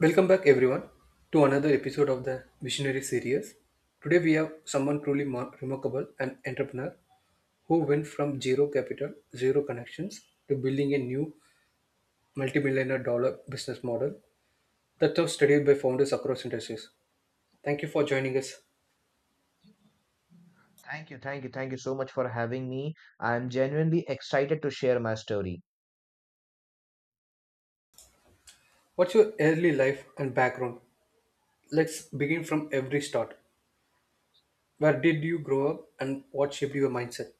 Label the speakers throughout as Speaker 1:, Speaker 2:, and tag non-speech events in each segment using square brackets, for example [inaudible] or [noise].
Speaker 1: Welcome back, everyone, to another episode of the Visionary series. Today, we have someone truly remarkable, an entrepreneur who went from zero capital, zero connections, to building a new multimillionaire dollar business model that was studied by founders across industries. Thank you for joining us.
Speaker 2: Thank you so much for having me. I'm genuinely excited to share my story.
Speaker 1: What's your early life and background? Let's begin from every start. Where did you grow up and what shaped your mindset?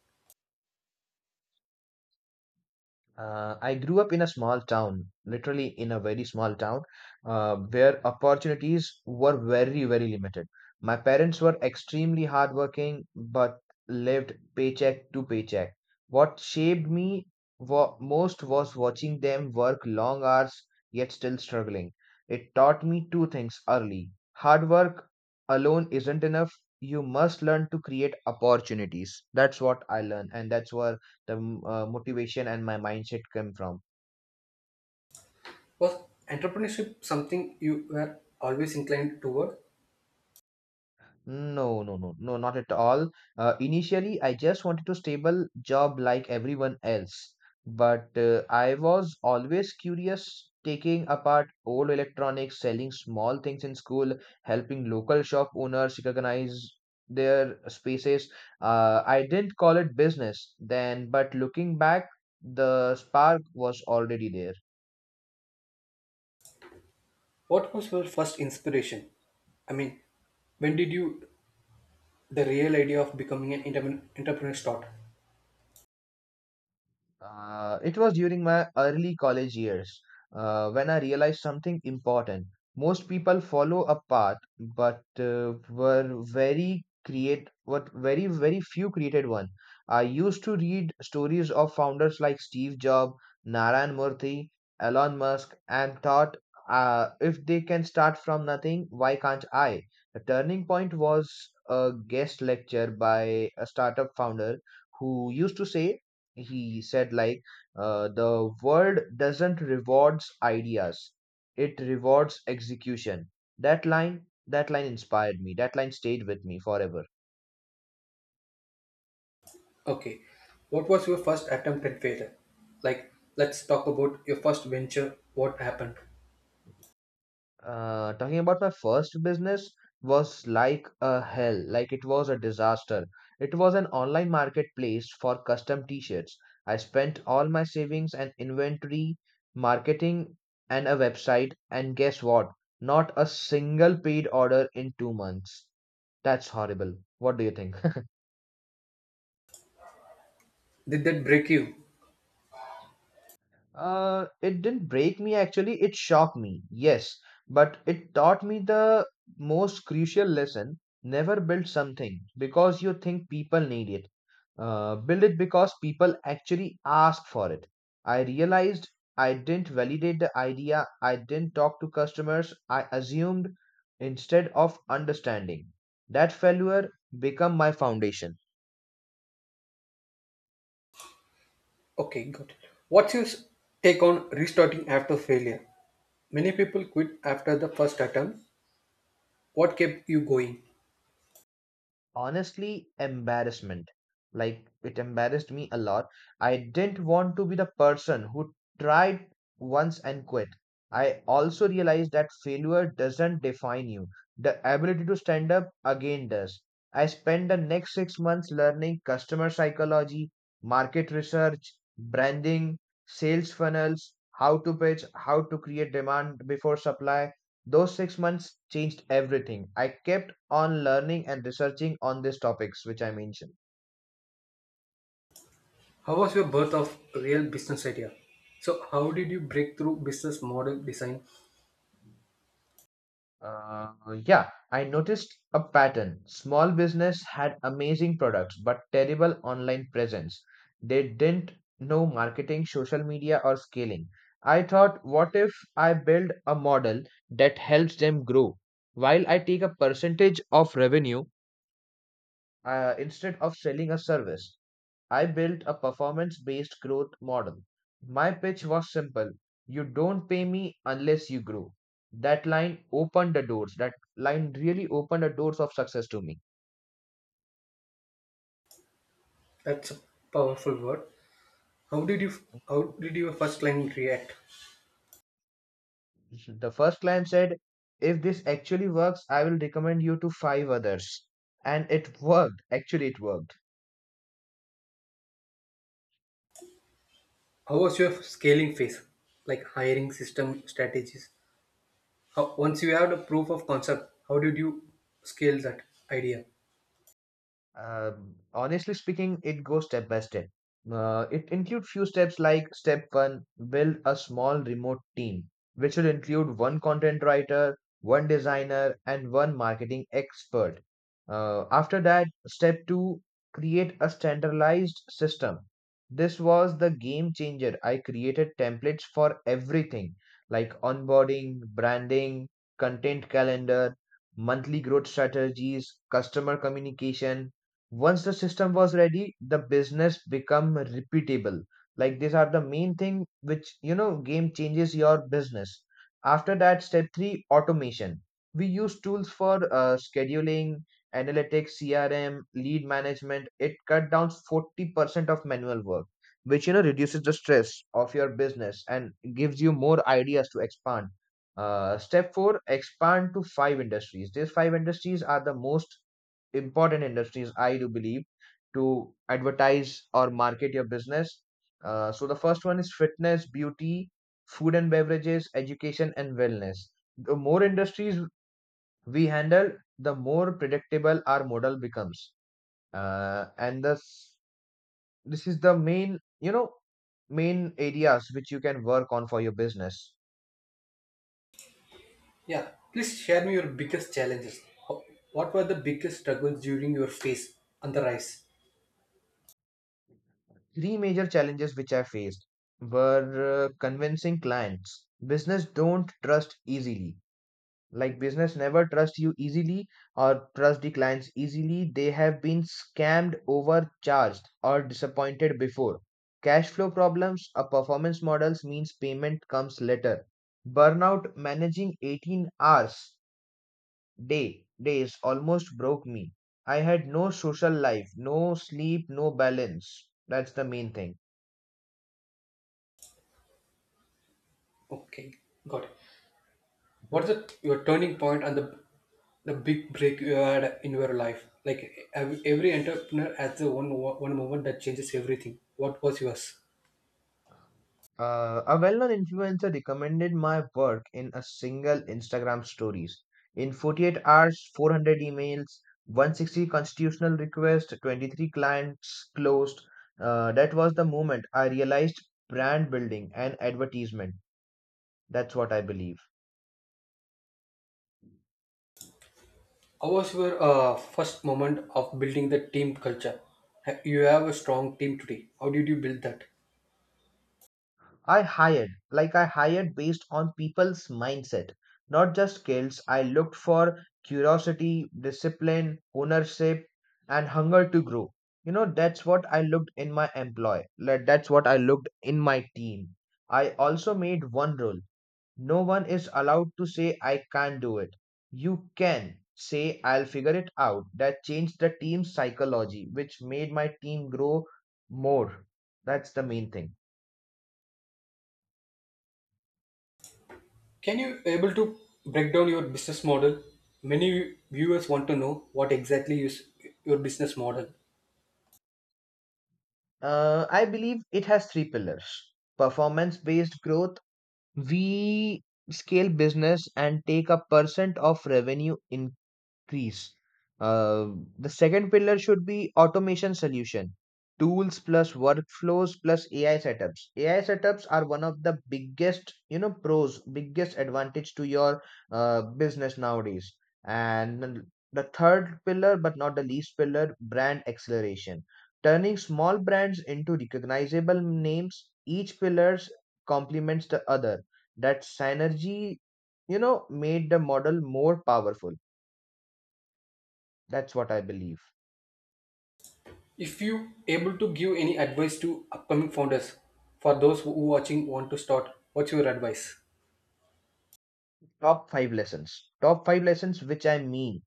Speaker 2: I grew up in a small town, literally in a very small town, where opportunities were very, very limited. My parents were extremely hardworking, but lived paycheck to paycheck. What shaped me most was watching them work long hours, yet still struggling. It taught me two things early. Hard work alone isn't enough. You must learn to create opportunities. That's what I learned, and that's where the motivation and my mindset come from.
Speaker 1: Was entrepreneurship something you were always inclined toward?
Speaker 2: No, not at all. Initially, I just wanted to stable job like everyone else, but I was always curious, taking apart old electronics, selling small things in school, helping local shop owners recognize their spaces. I didn't call it business then, but looking back, the spark was already there.
Speaker 1: What was your first inspiration? I mean, when did you the real idea of becoming an entrepreneur start?
Speaker 2: It was during my early college years when I realized something important. Most people follow a path, but were very create what very very few created one. I used to read stories of founders like Steve Jobs, Narayan Murthy, Elon Musk, and thought, if they can start from nothing, why can't I? The turning point was a guest lecture by a startup founder who used to say, he said like, the world doesn't rewards ideas, it rewards execution. That line inspired me, that line stayed with me forever.
Speaker 1: Okay, what was your first attempt at failure? Like, let's talk about your first venture. What happened?
Speaker 2: Talking about my first business, was like a hell, like it was a disaster. It was an online marketplace for custom t-shirts. I spent all my savings and inventory, marketing, and a website, and guess what? Not a single paid order in 2 months. That's horrible. What do you think? [laughs]
Speaker 1: Did that break you?
Speaker 2: It didn't break me, actually, it shocked me, yes, but it taught me the most crucial lesson. Never build something because you think people need it. Build it because people actually ask for it. I realized I didn't validate the idea, I didn't talk to customers, I assumed instead of understanding. That failure became my foundation.
Speaker 1: Okay, good. What's your s- Take on restarting after failure? Many people quit after the first attempt. What kept you going?
Speaker 2: Honestly, embarrassment. Like, it embarrassed me a lot. I didn't want to be the person who tried once and quit. I also realized that failure doesn't define you, the ability to stand up again does. I spent the next 6 months learning customer psychology, market research, branding, sales funnels, how to pitch, how to create demand before supply. Those 6 months changed everything. I kept on learning and researching on these topics which I mentioned.
Speaker 1: How was your birth of real business idea? So, how did you break through business model design?
Speaker 2: Uh, yeah, I noticed a pattern. Small business had amazing products but terrible online presence. They didn't know marketing, social media, or scaling. I thought, what if I build a model that helps them grow while I take a percentage of revenue, instead of selling a service? I built a performance based growth model. My pitch was simple: you don't pay me unless you grow. That line opened the doors. That line really opened the doors of success to me.
Speaker 1: That's a powerful word. How did you how did your first client react?
Speaker 2: The first client said, "If this actually works, I will recommend you to five others." And it worked. Actually, it worked.
Speaker 1: How was your scaling phase? Like hiring system strategies. How, once you had a proof of concept, how did you scale that idea?
Speaker 2: Honestly speaking, it goes step by step. It includes few steps. Like step one, build a small remote team, which will include one content writer, one designer, and one marketing expert. After that, step two, create a standardized system. This was the game changer. I created templates for everything, like onboarding, branding, content calendar, monthly growth strategies, customer communication. Once the system was ready, the business become repeatable. Like, these are the main thing which, you know, game changes your business. After that, step 3, automation. We use tools for scheduling, analytics, crm, lead management. It cut down 40% of manual work, which, you know, reduces the stress of your business and gives you more ideas to expand. Step 4, expand to five industries. These five industries are the most important industries I do believe to advertise or market your business. So the first one is fitness, beauty, food and beverages, education, and wellness. The more industries we handle, the more predictable our model becomes. And this is the main, you know, main areas which you can work on for your business.
Speaker 1: Yeah, please share me your biggest challenges. How, what were the biggest struggles during your phase on the rise?
Speaker 2: Three major challenges which I faced were, convincing clients. Business don't trust easily. Like, business never trust you easily, or trust the clients easily. They have been scammed, overcharged, or disappointed before. Cash flow problems or performance models means payment comes later. Burnout, managing 18 hours day days almost broke me. I had no social life, no sleep, no balance. That's the main thing.
Speaker 1: Okay, got it.
Speaker 2: Mhm.
Speaker 1: What's the Your turning point and the big break you had in your life? Like every entrepreneur has the one moment that changes everything. What was yours?
Speaker 2: A well-known influencer recommended my work in a single Instagram stories. In 48 hours, 400 emails, 160 constitutional requests, 23 clients closed. That was the moment I realized brand building and advertisement. That's what I believe.
Speaker 1: How was your first moment of building the team culture? You have a strong team today. How did you build that?
Speaker 2: Like, I hired based on people's mindset, not just skills. I looked for curiosity, discipline, ownership, and hunger to grow. You know, that's what I looked in my employee. Like, that's what I looked in my team. I also made one rule: no one is allowed to say, "I can't do it." You can say, "I'll figure it out." That changed the team's psychology, which made my team grow more. That's the main thing.
Speaker 1: Can you able to break down your business model? Many viewers want to know what exactly is your business model.
Speaker 2: I believe it has three pillars. Performance based growth. We scale business and take a percent of revenue trees. Uh, the second pillar should be automation solution, tools plus workflows plus ai setups. Ai setups are one of the biggest, you know, pros, biggest advantage to your business nowadays. And then the third pillar, but not the least pillar, brand acceleration, turning small brands into recognizable names. Each pillars complements the other. That synergy, you know, made the model more powerful. That's what I believe.
Speaker 1: If you able to give any advice to upcoming founders, for those who watching want to start, what's your advice?
Speaker 2: Top five lessons. Top five lessons, which I mean,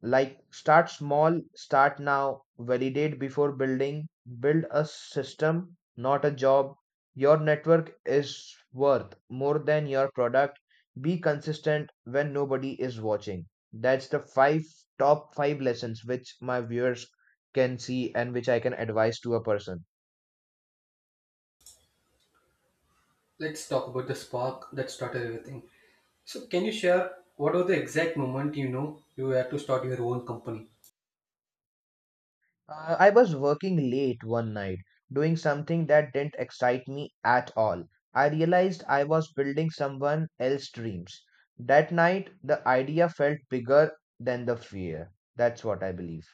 Speaker 2: like start small, start now, validate before building, build a system, not a job. Your network is worth more than your product. Be consistent when nobody is watching. That's the five top five lessons which my viewers can see and which I can advise to a person.
Speaker 1: Let's talk about the spark that started everything. So, can you share what was the exact moment you know you had to start your own company?
Speaker 2: I was working late one night, doing something that didn't excite me at all. I realized I was building someone else's dreams. That night, the idea felt bigger than the fear. That's what I believe.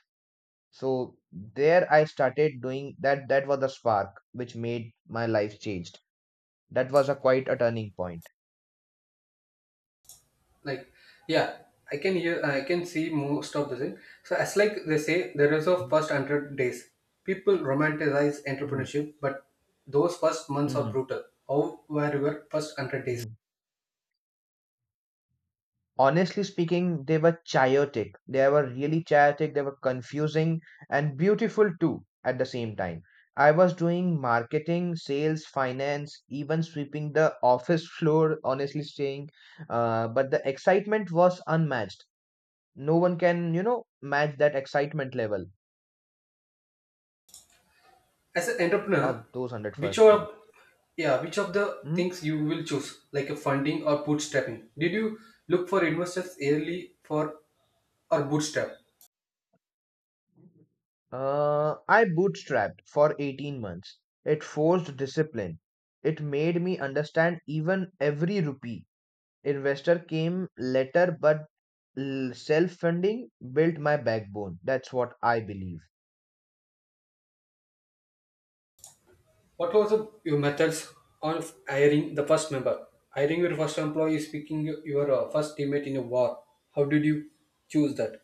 Speaker 2: So there I started doing that. That was the spark which made my life changed. That was a quite a turning point.
Speaker 1: Like, yeah, I can hear, I can see most of the thing. So as like they say, the results of first 100 days, people romanticize
Speaker 2: Mhm.
Speaker 1: entrepreneurship, but those first months are
Speaker 2: Mhm.
Speaker 1: brutal. How were your first 100 days
Speaker 2: Mhm. Honestly speaking, they were chaotic. They were really chaotic. They were confusing and beautiful too at the same time. I was doing marketing, sales, finance, even sweeping the [laughs] office floor, honestly saying. But the excitement was unmatched. No one can, you know, match that excitement level
Speaker 1: as an entrepreneur?
Speaker 2: of those 100
Speaker 1: Which
Speaker 2: first
Speaker 1: of
Speaker 2: months.
Speaker 1: Yeah, which of the
Speaker 2: Hmm?
Speaker 1: things you will choose, like a funding or bootstrapping? Did you look for investors early for, or bootstrap?
Speaker 2: I bootstrapped for 18 months. It forced discipline. It made me understand even every rupee. Investor came later, but self-funding built my backbone. That's what I believe.
Speaker 1: What was the your methods on hiring the first member? Hiring your first employee is picking your first teammate in a war. How did you choose that?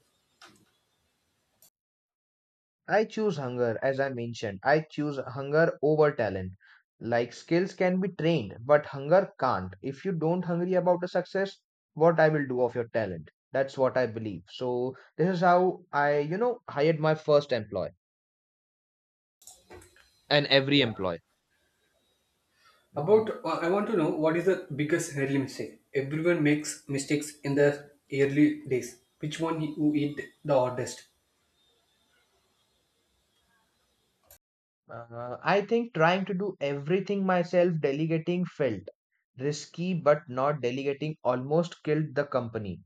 Speaker 2: As I mentioned, I choose hunger over talent. Like, skills can be trained, but hunger can't. If you don't hungry about a success, what I will do of your talent? That's what I believe. So this is how I, you know, hired my first employee and every
Speaker 1: Yeah.
Speaker 2: employee.
Speaker 1: About, I want to know what is the biggest early mistake? Everyone makes mistakes in the early days. Which one you hit the hardest?
Speaker 2: I think trying to do everything myself, delegating felt risky, but not delegating almost killed the company.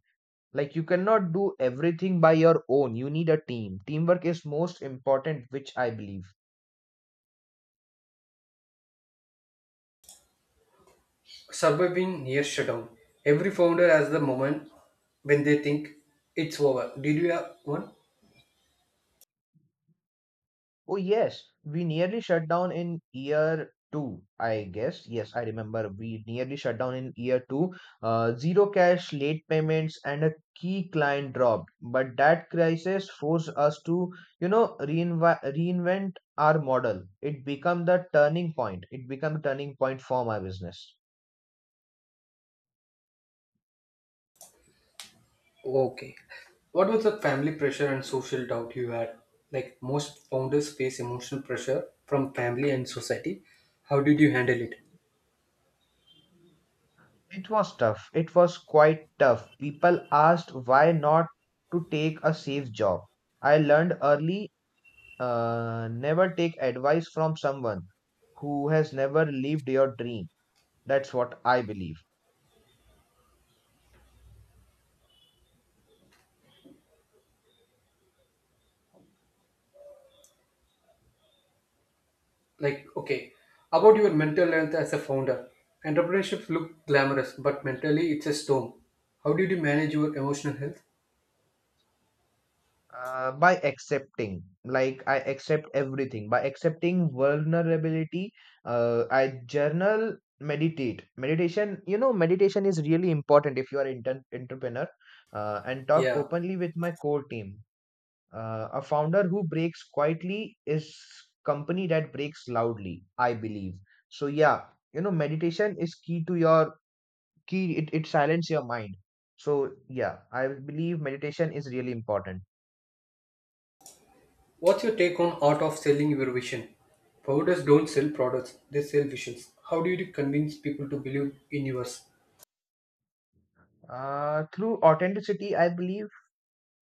Speaker 2: Like, you cannot do everything by your own. You need a team. Teamwork is most important, which I believe.
Speaker 1: Surviving near shutdown. Every founder has the moment when they think it's over. Did you have one?
Speaker 2: Oh, yes, we nearly shut down in year two, I guess. Yes, I remember we nearly shut down in year two. Zero cash, late payments, and a key client dropped. But that crisis forced us to, you know, reinvent our model. It became the turning point. It became the turning point for my business.
Speaker 1: Okay. What was the family pressure and social doubt you had? Like most founders face emotional pressure from family and society. How did you handle it?
Speaker 2: It was tough. It was quite tough. People asked why not to take a safe job. I learned early, never take advice from someone who has never lived your dream. That's what I believe.
Speaker 1: Like, okay, about your mental health as a founder. Entrepreneurships look glamorous, but mentally it's a storm. How did you manage your emotional health?
Speaker 2: By accepting, like I accept everything. By accepting vulnerability, I journal, meditate. Meditation, you know, meditation is really important if you are an entrepreneur. And talk
Speaker 1: Yeah.
Speaker 2: openly with my core team. A founder who breaks quietly is company that breaks loudly, I believe. So yeah, you know, meditation is key to your key. It silence your mind. So yeah, I believe meditation is really important.
Speaker 1: What's your take on art of selling your vision? Founders don't sell products, they sell visions. How do you convince people to believe in yours?
Speaker 2: Through authenticity, I believe.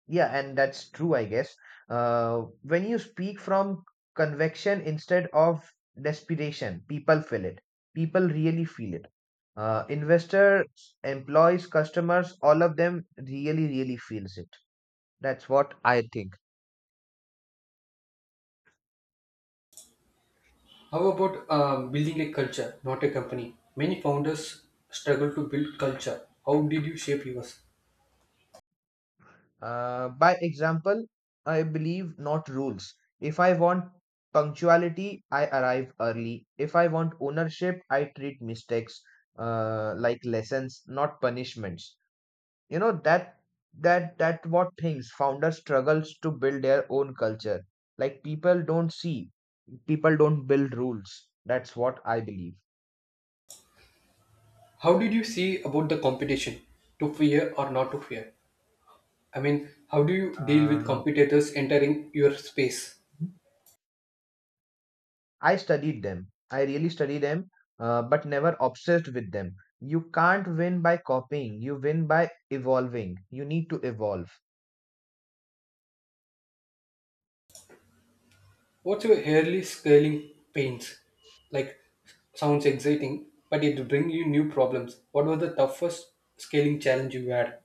Speaker 2: Yeah, and that's true, I guess. When you speak from convection instead of desperation, people feel it. People really feel it. Investors, employees, customers, all of them really, really feels it. That's what I think.
Speaker 1: How about building a culture, not a company? Many founders struggle to build culture. How did you shape yours?
Speaker 2: By example, I believe, not rules. If I want punctuality, I arrive early. If I want ownership, I treat mistakes like lessons, not punishments you know that that what things founders struggles to build their own culture. Like people don't see, people don't build rules. That's what I believe.
Speaker 1: How did you see about the competition? To fear or not to fear? I mean, how do you deal with
Speaker 2: uh,
Speaker 1: competitors entering your space?
Speaker 2: I studied them, I really study them. But never obsessed with them. You can't win by copying, you win by evolving. You need to evolve.
Speaker 1: What's your early scaling pains? Like, sounds exciting, but it bring you new problems. What was the toughest scaling challenge you had?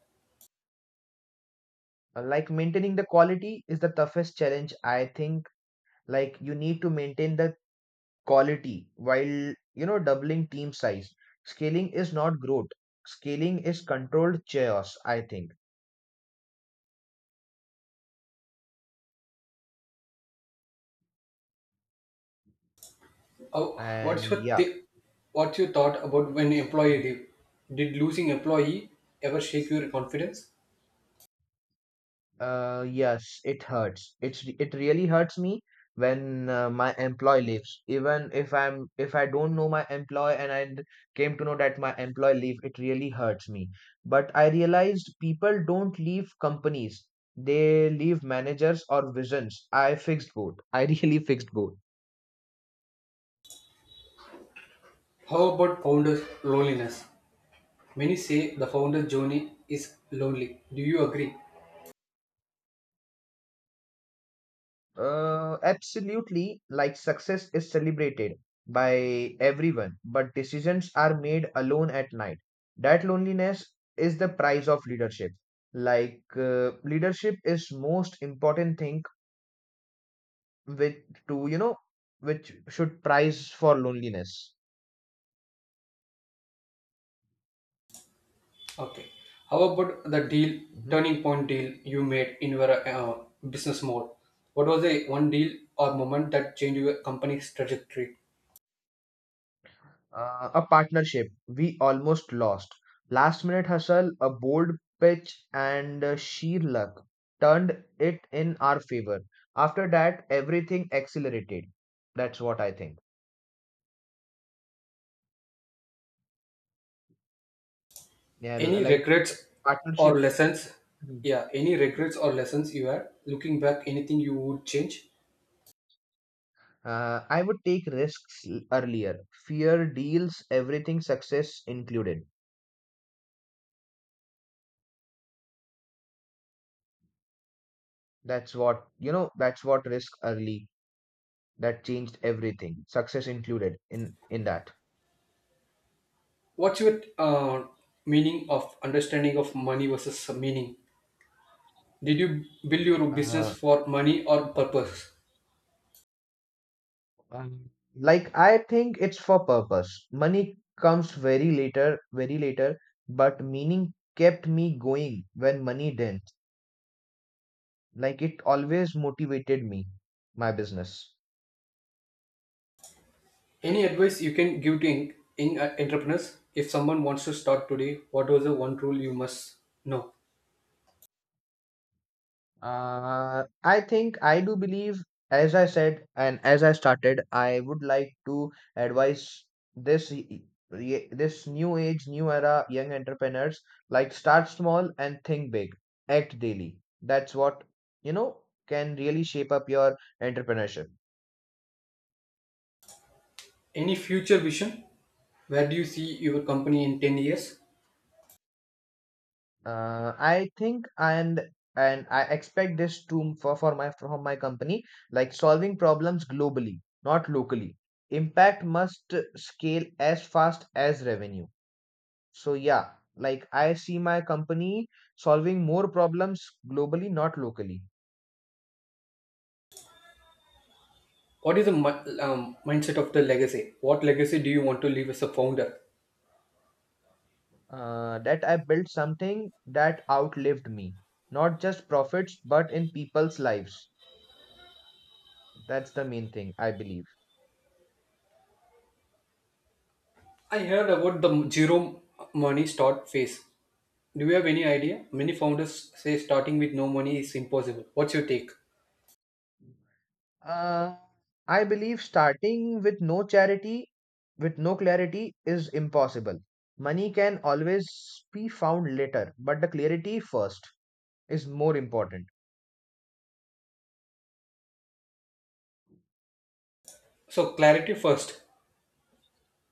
Speaker 2: Like maintaining the quality is the toughest challenge, I think. Like you need to maintain the quality while, you know, doubling team size. Scaling is not growth, scaling is controlled chaos, I think.
Speaker 1: Oh,
Speaker 2: And yeah.
Speaker 1: what's your thought about when employee leave? Did losing employee ever shake your confidence?
Speaker 2: Yes, it hurts. It really hurts me when, my employee leaves. Even if I'm, if I don't know my employee and came to know that my employee leave, it really hurts me. But I realized people don't leave companies, they leave managers or visions. I fixed both. I really [laughs] fixed both.
Speaker 1: How about founders loneliness? Many say the founders journey is lonely. Do you agree?
Speaker 2: Absolutely. Like success is celebrated by everyone, but decisions are made alone at night. That loneliness is the price of leadership. Like leadership is most important thing with, to, you know, which should price for loneliness.
Speaker 1: Okay. How about the deal
Speaker 2: Mhm.
Speaker 1: turning point deal you made in your business model? What was the one deal or moment that changed your company's trajectory?
Speaker 2: A partnership we almost lost. Last minute hustle, a bold pitch, and sheer luck turned it in our favor. After that, everything accelerated. That's what I think. Yeah,
Speaker 1: Any
Speaker 2: like
Speaker 1: regrets
Speaker 2: partnership.
Speaker 1: or lessons?
Speaker 2: Mhm.
Speaker 1: Yeah, any regrets or lessons you had looking back? Anything you would change?
Speaker 2: I would take risks earlier. Fear deals everything, success included. That's what, you know. That's what, risk early. That changed everything. Success included in that.
Speaker 1: What's your meaning of understanding of money versus meaning? Did you build your business
Speaker 2: Uh,
Speaker 1: for money or purpose?
Speaker 2: Like I think it's for purpose. Money comes very later, but meaning kept me going when money didn't. Like it always motivated me, my business.
Speaker 1: Any advice you can give to in entrepreneurs? If someone wants to start today, what was the one rule you must know?
Speaker 2: I think I do believe, as I said, and as I started, I would like to advise this y- y- re- this new age, new era, young entrepreneurs, like start small and think big, act daily. That's what, you know, can really shape up your entrepreneurship.
Speaker 1: Any future vision? Where do you see your company in 10 years?
Speaker 2: I think and I expect this to, for my, from my company, like solving problems globally, not locally. Impact must scale as fast as revenue. So yeah, like I see my company solving more problems globally, not locally.
Speaker 1: What is the mindset of the legacy? What legacy do you want to leave as a founder?
Speaker 2: That I built something that outlived me, not just profits, but in people's lives. That's the main thing, I believe.
Speaker 1: I heard about the zero money start phase. Do you have any idea? Many founders say starting with no money is impossible. What's your take?
Speaker 2: Uh, I believe starting with no charity, with no clarity, is impossible. Money can always be found later, but the clarity first is more important.
Speaker 1: So clarity first.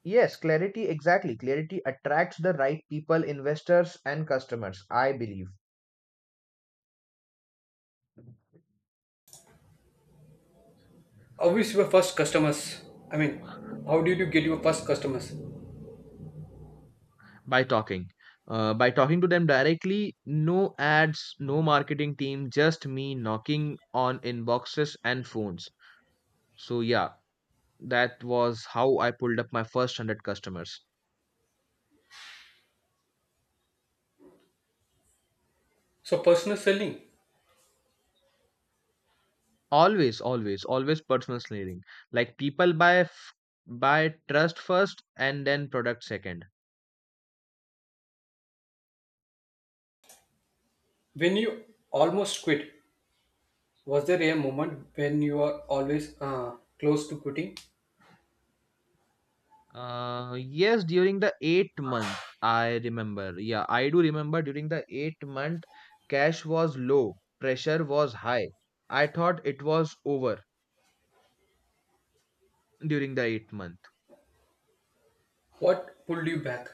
Speaker 2: Yes, clarity, exactly. Clarity attracts the right people, investors, and customers, I believe.
Speaker 1: How is your first customers? I mean, how did you get your first customers?
Speaker 2: By talking. By talking to them directly, no ads, no marketing team, just me knocking on inboxes and phones. So, yeah, that was how I pulled up my first 100 customers.
Speaker 1: So personal selling.
Speaker 2: Always, always, always personal selling. Like people buy trust first and then product second.
Speaker 1: When you almost quit, was there a moment when you are always close to quitting?
Speaker 2: Yes, during the 8 month, I remember. Yeah, I do remember during the 8 month, cash was low, pressure was high. I thought it was over during the 8 month.
Speaker 1: What pulled you back?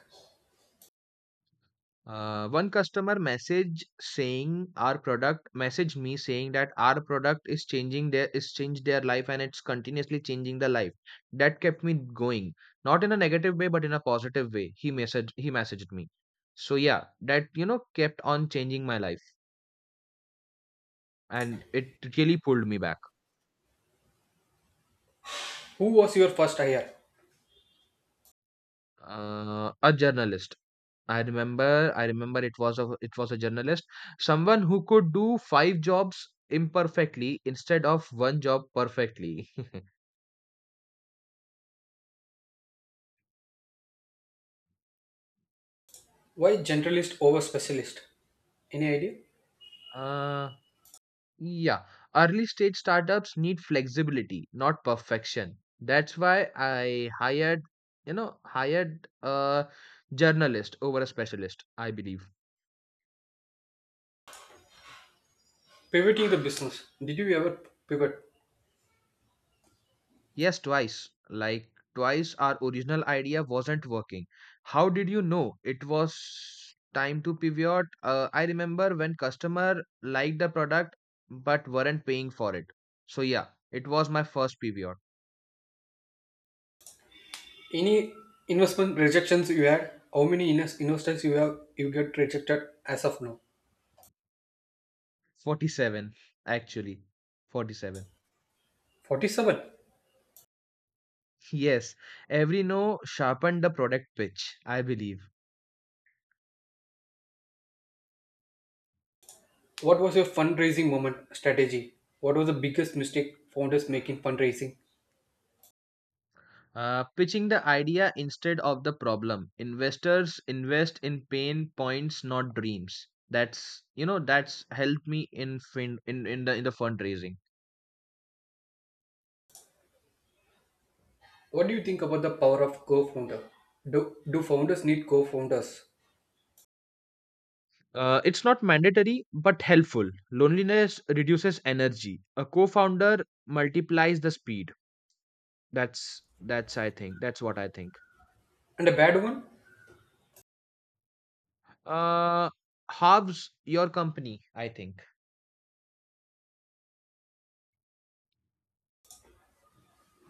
Speaker 2: One customer message saying our product, message me saying that our product is changing their is changed their life and it's continuously changing the life. That kept me going, not in a negative way, but in a positive way. He messaged me. So yeah, that, you know, kept on changing my life, and it really pulled me back.
Speaker 1: Who was your first hire?
Speaker 2: A journalist. I remember it was a journalist, someone who could do five jobs imperfectly instead of one job perfectly. [laughs]
Speaker 1: Why generalist over specialist? Any idea?
Speaker 2: Uh, yeah, early stage startups need flexibility, not perfection. That's why I hired, you know, hired a journalist over a specialist, I believe.
Speaker 1: Pivoting the business. Did you ever pivot?
Speaker 2: Yes, twice. Twice our original idea wasn't working. How did you know it was time to pivot? I remember when customer liked the product but weren't paying for it. So yeah, it was my first pivot.
Speaker 1: Any investment rejections you had? How many investors you have you get rejected as of now?
Speaker 2: 47 actually. 47. [laughs]
Speaker 1: 47.
Speaker 2: Yes, every no sharpened the product pitch, I believe.
Speaker 1: What was your fundraising moment strategy? What was the biggest mistake founders make in fundraising?
Speaker 2: Pitching the idea instead of the problem. Investors invest in pain points, not dreams. That's, you know, that's helped me in the fundraising.
Speaker 1: What do you think about the power of co-founder? Do founders need co-founders?
Speaker 2: It's not mandatory but helpful. Loneliness reduces energy. A co-founder multiplies the speed. That's I think, that's what I think.
Speaker 1: And a bad one?
Speaker 2: Uh, Halves your company, I think.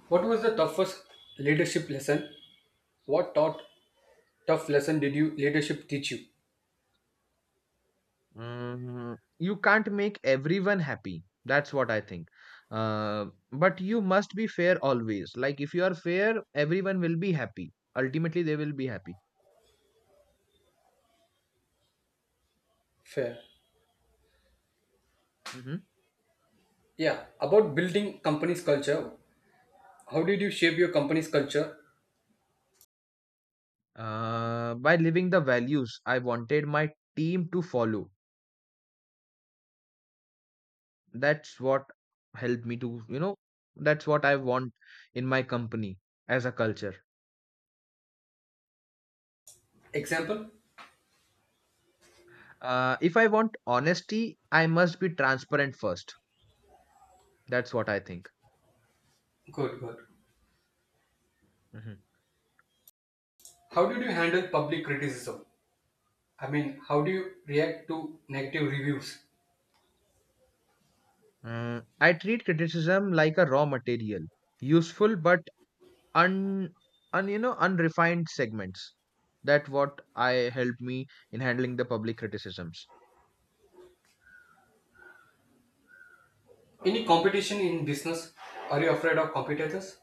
Speaker 1: What was the toughest leadership lesson? What taught tough lesson did you leadership teach you?
Speaker 2: Mm, you can't make everyone happy. That's what I think. Uh, but you must be fair always. Like if you are fair, everyone will be happy. Ultimately, they will be happy.
Speaker 1: Fair.
Speaker 2: Hmm.
Speaker 1: Yeah. About building company's culture. How did you shape your company's culture?
Speaker 2: By living the values I wanted my team to follow. That's what helped me to, you know, that's what I want in my company as a culture.
Speaker 1: Example?
Speaker 2: If I want honesty, I must be transparent first. That's what I think.
Speaker 1: Good, good.
Speaker 2: Mhm.
Speaker 1: How did you handle public criticism? I mean, how do you react to negative reviews?
Speaker 2: Mm, I treat criticism like a raw material, useful but un, un you know unrefined segments. That what I helped me in handling the public criticisms.
Speaker 1: Any competition in business? Are you afraid of competitors?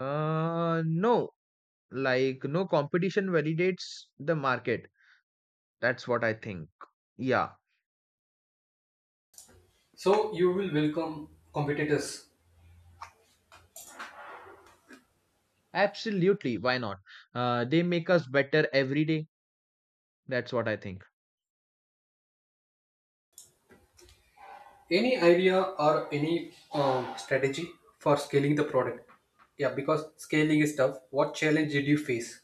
Speaker 2: No, like no competition validates the market. That's what I think. Yeah,
Speaker 1: So you will welcome competitors.
Speaker 2: absolutely. Why not? They make us better every day. That's what I think.
Speaker 1: Any idea or any strategy for scaling the product? Yeah, because scaling is tough. What challenge did you face?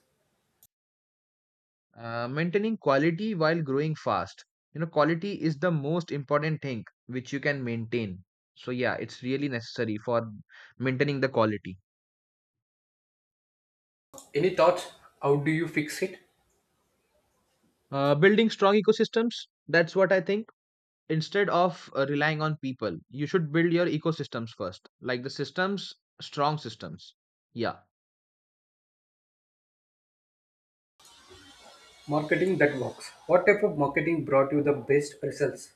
Speaker 2: Maintaining quality while growing fast. You know, quality is the most important thing which you can maintain. So, yeah, it's really necessary for maintaining the quality.
Speaker 1: Any thoughts? How do you fix it?
Speaker 2: Building strong ecosystems, that's what I think. Instead of relying on people, you should build your ecosystems first, like the systems, strong systems. Yeah.
Speaker 1: Marketing that works. What type of marketing brought you the best results?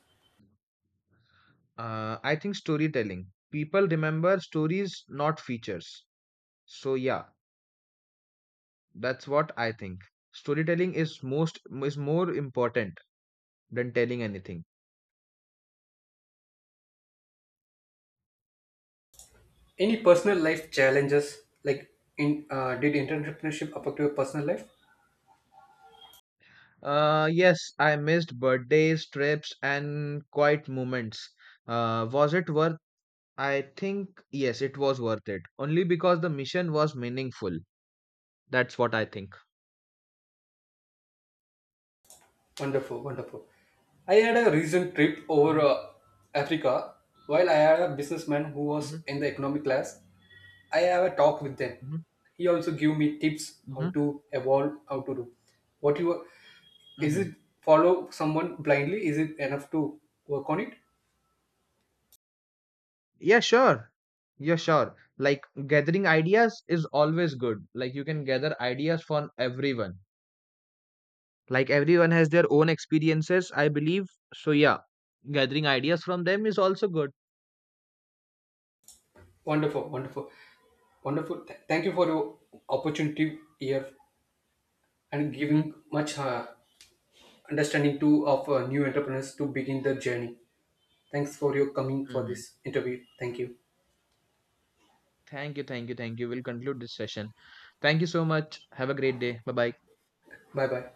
Speaker 2: I think storytelling. People remember stories, not features. So, yeah, that's what I think. Storytelling is most is more important than telling anything.
Speaker 1: Any personal life challenges like in did entrepreneurship affect your personal life?
Speaker 2: Yes, I missed birthdays, trips, and quiet moments. Was it worth? I think yes, it was worth it. Only because the mission was meaningful. That's what I think.
Speaker 1: Wonderful, wonderful. I had a recent trip over
Speaker 2: Mhm,
Speaker 1: Africa. While I had a businessman who
Speaker 2: mhm,
Speaker 1: was in the economic class, I have a talk with them.
Speaker 2: mhm,
Speaker 1: He also gave me tips how
Speaker 2: mhm,
Speaker 1: to evolve, how to do. What you is
Speaker 2: mhm.
Speaker 1: it follow someone blindly? Is it enough to work on it?
Speaker 2: Yeah, sure. Yeah, sure. Like gathering ideas is always good. Like you can gather ideas from everyone. Like everyone has their own experiences, I believe. So yeah, gathering ideas from them is also good.
Speaker 1: Wonderful, wonderful, wonderful. Thank you for your opportunity here and
Speaker 2: Mm-hmm.
Speaker 1: giving much understanding too of new entrepreneurs to begin the journey. Thanks for your coming for this interview. Thank you.
Speaker 2: Thank you, thank you, thank you. We'll conclude this session. Thank you so much. Have a great day. Bye bye.
Speaker 1: Bye bye.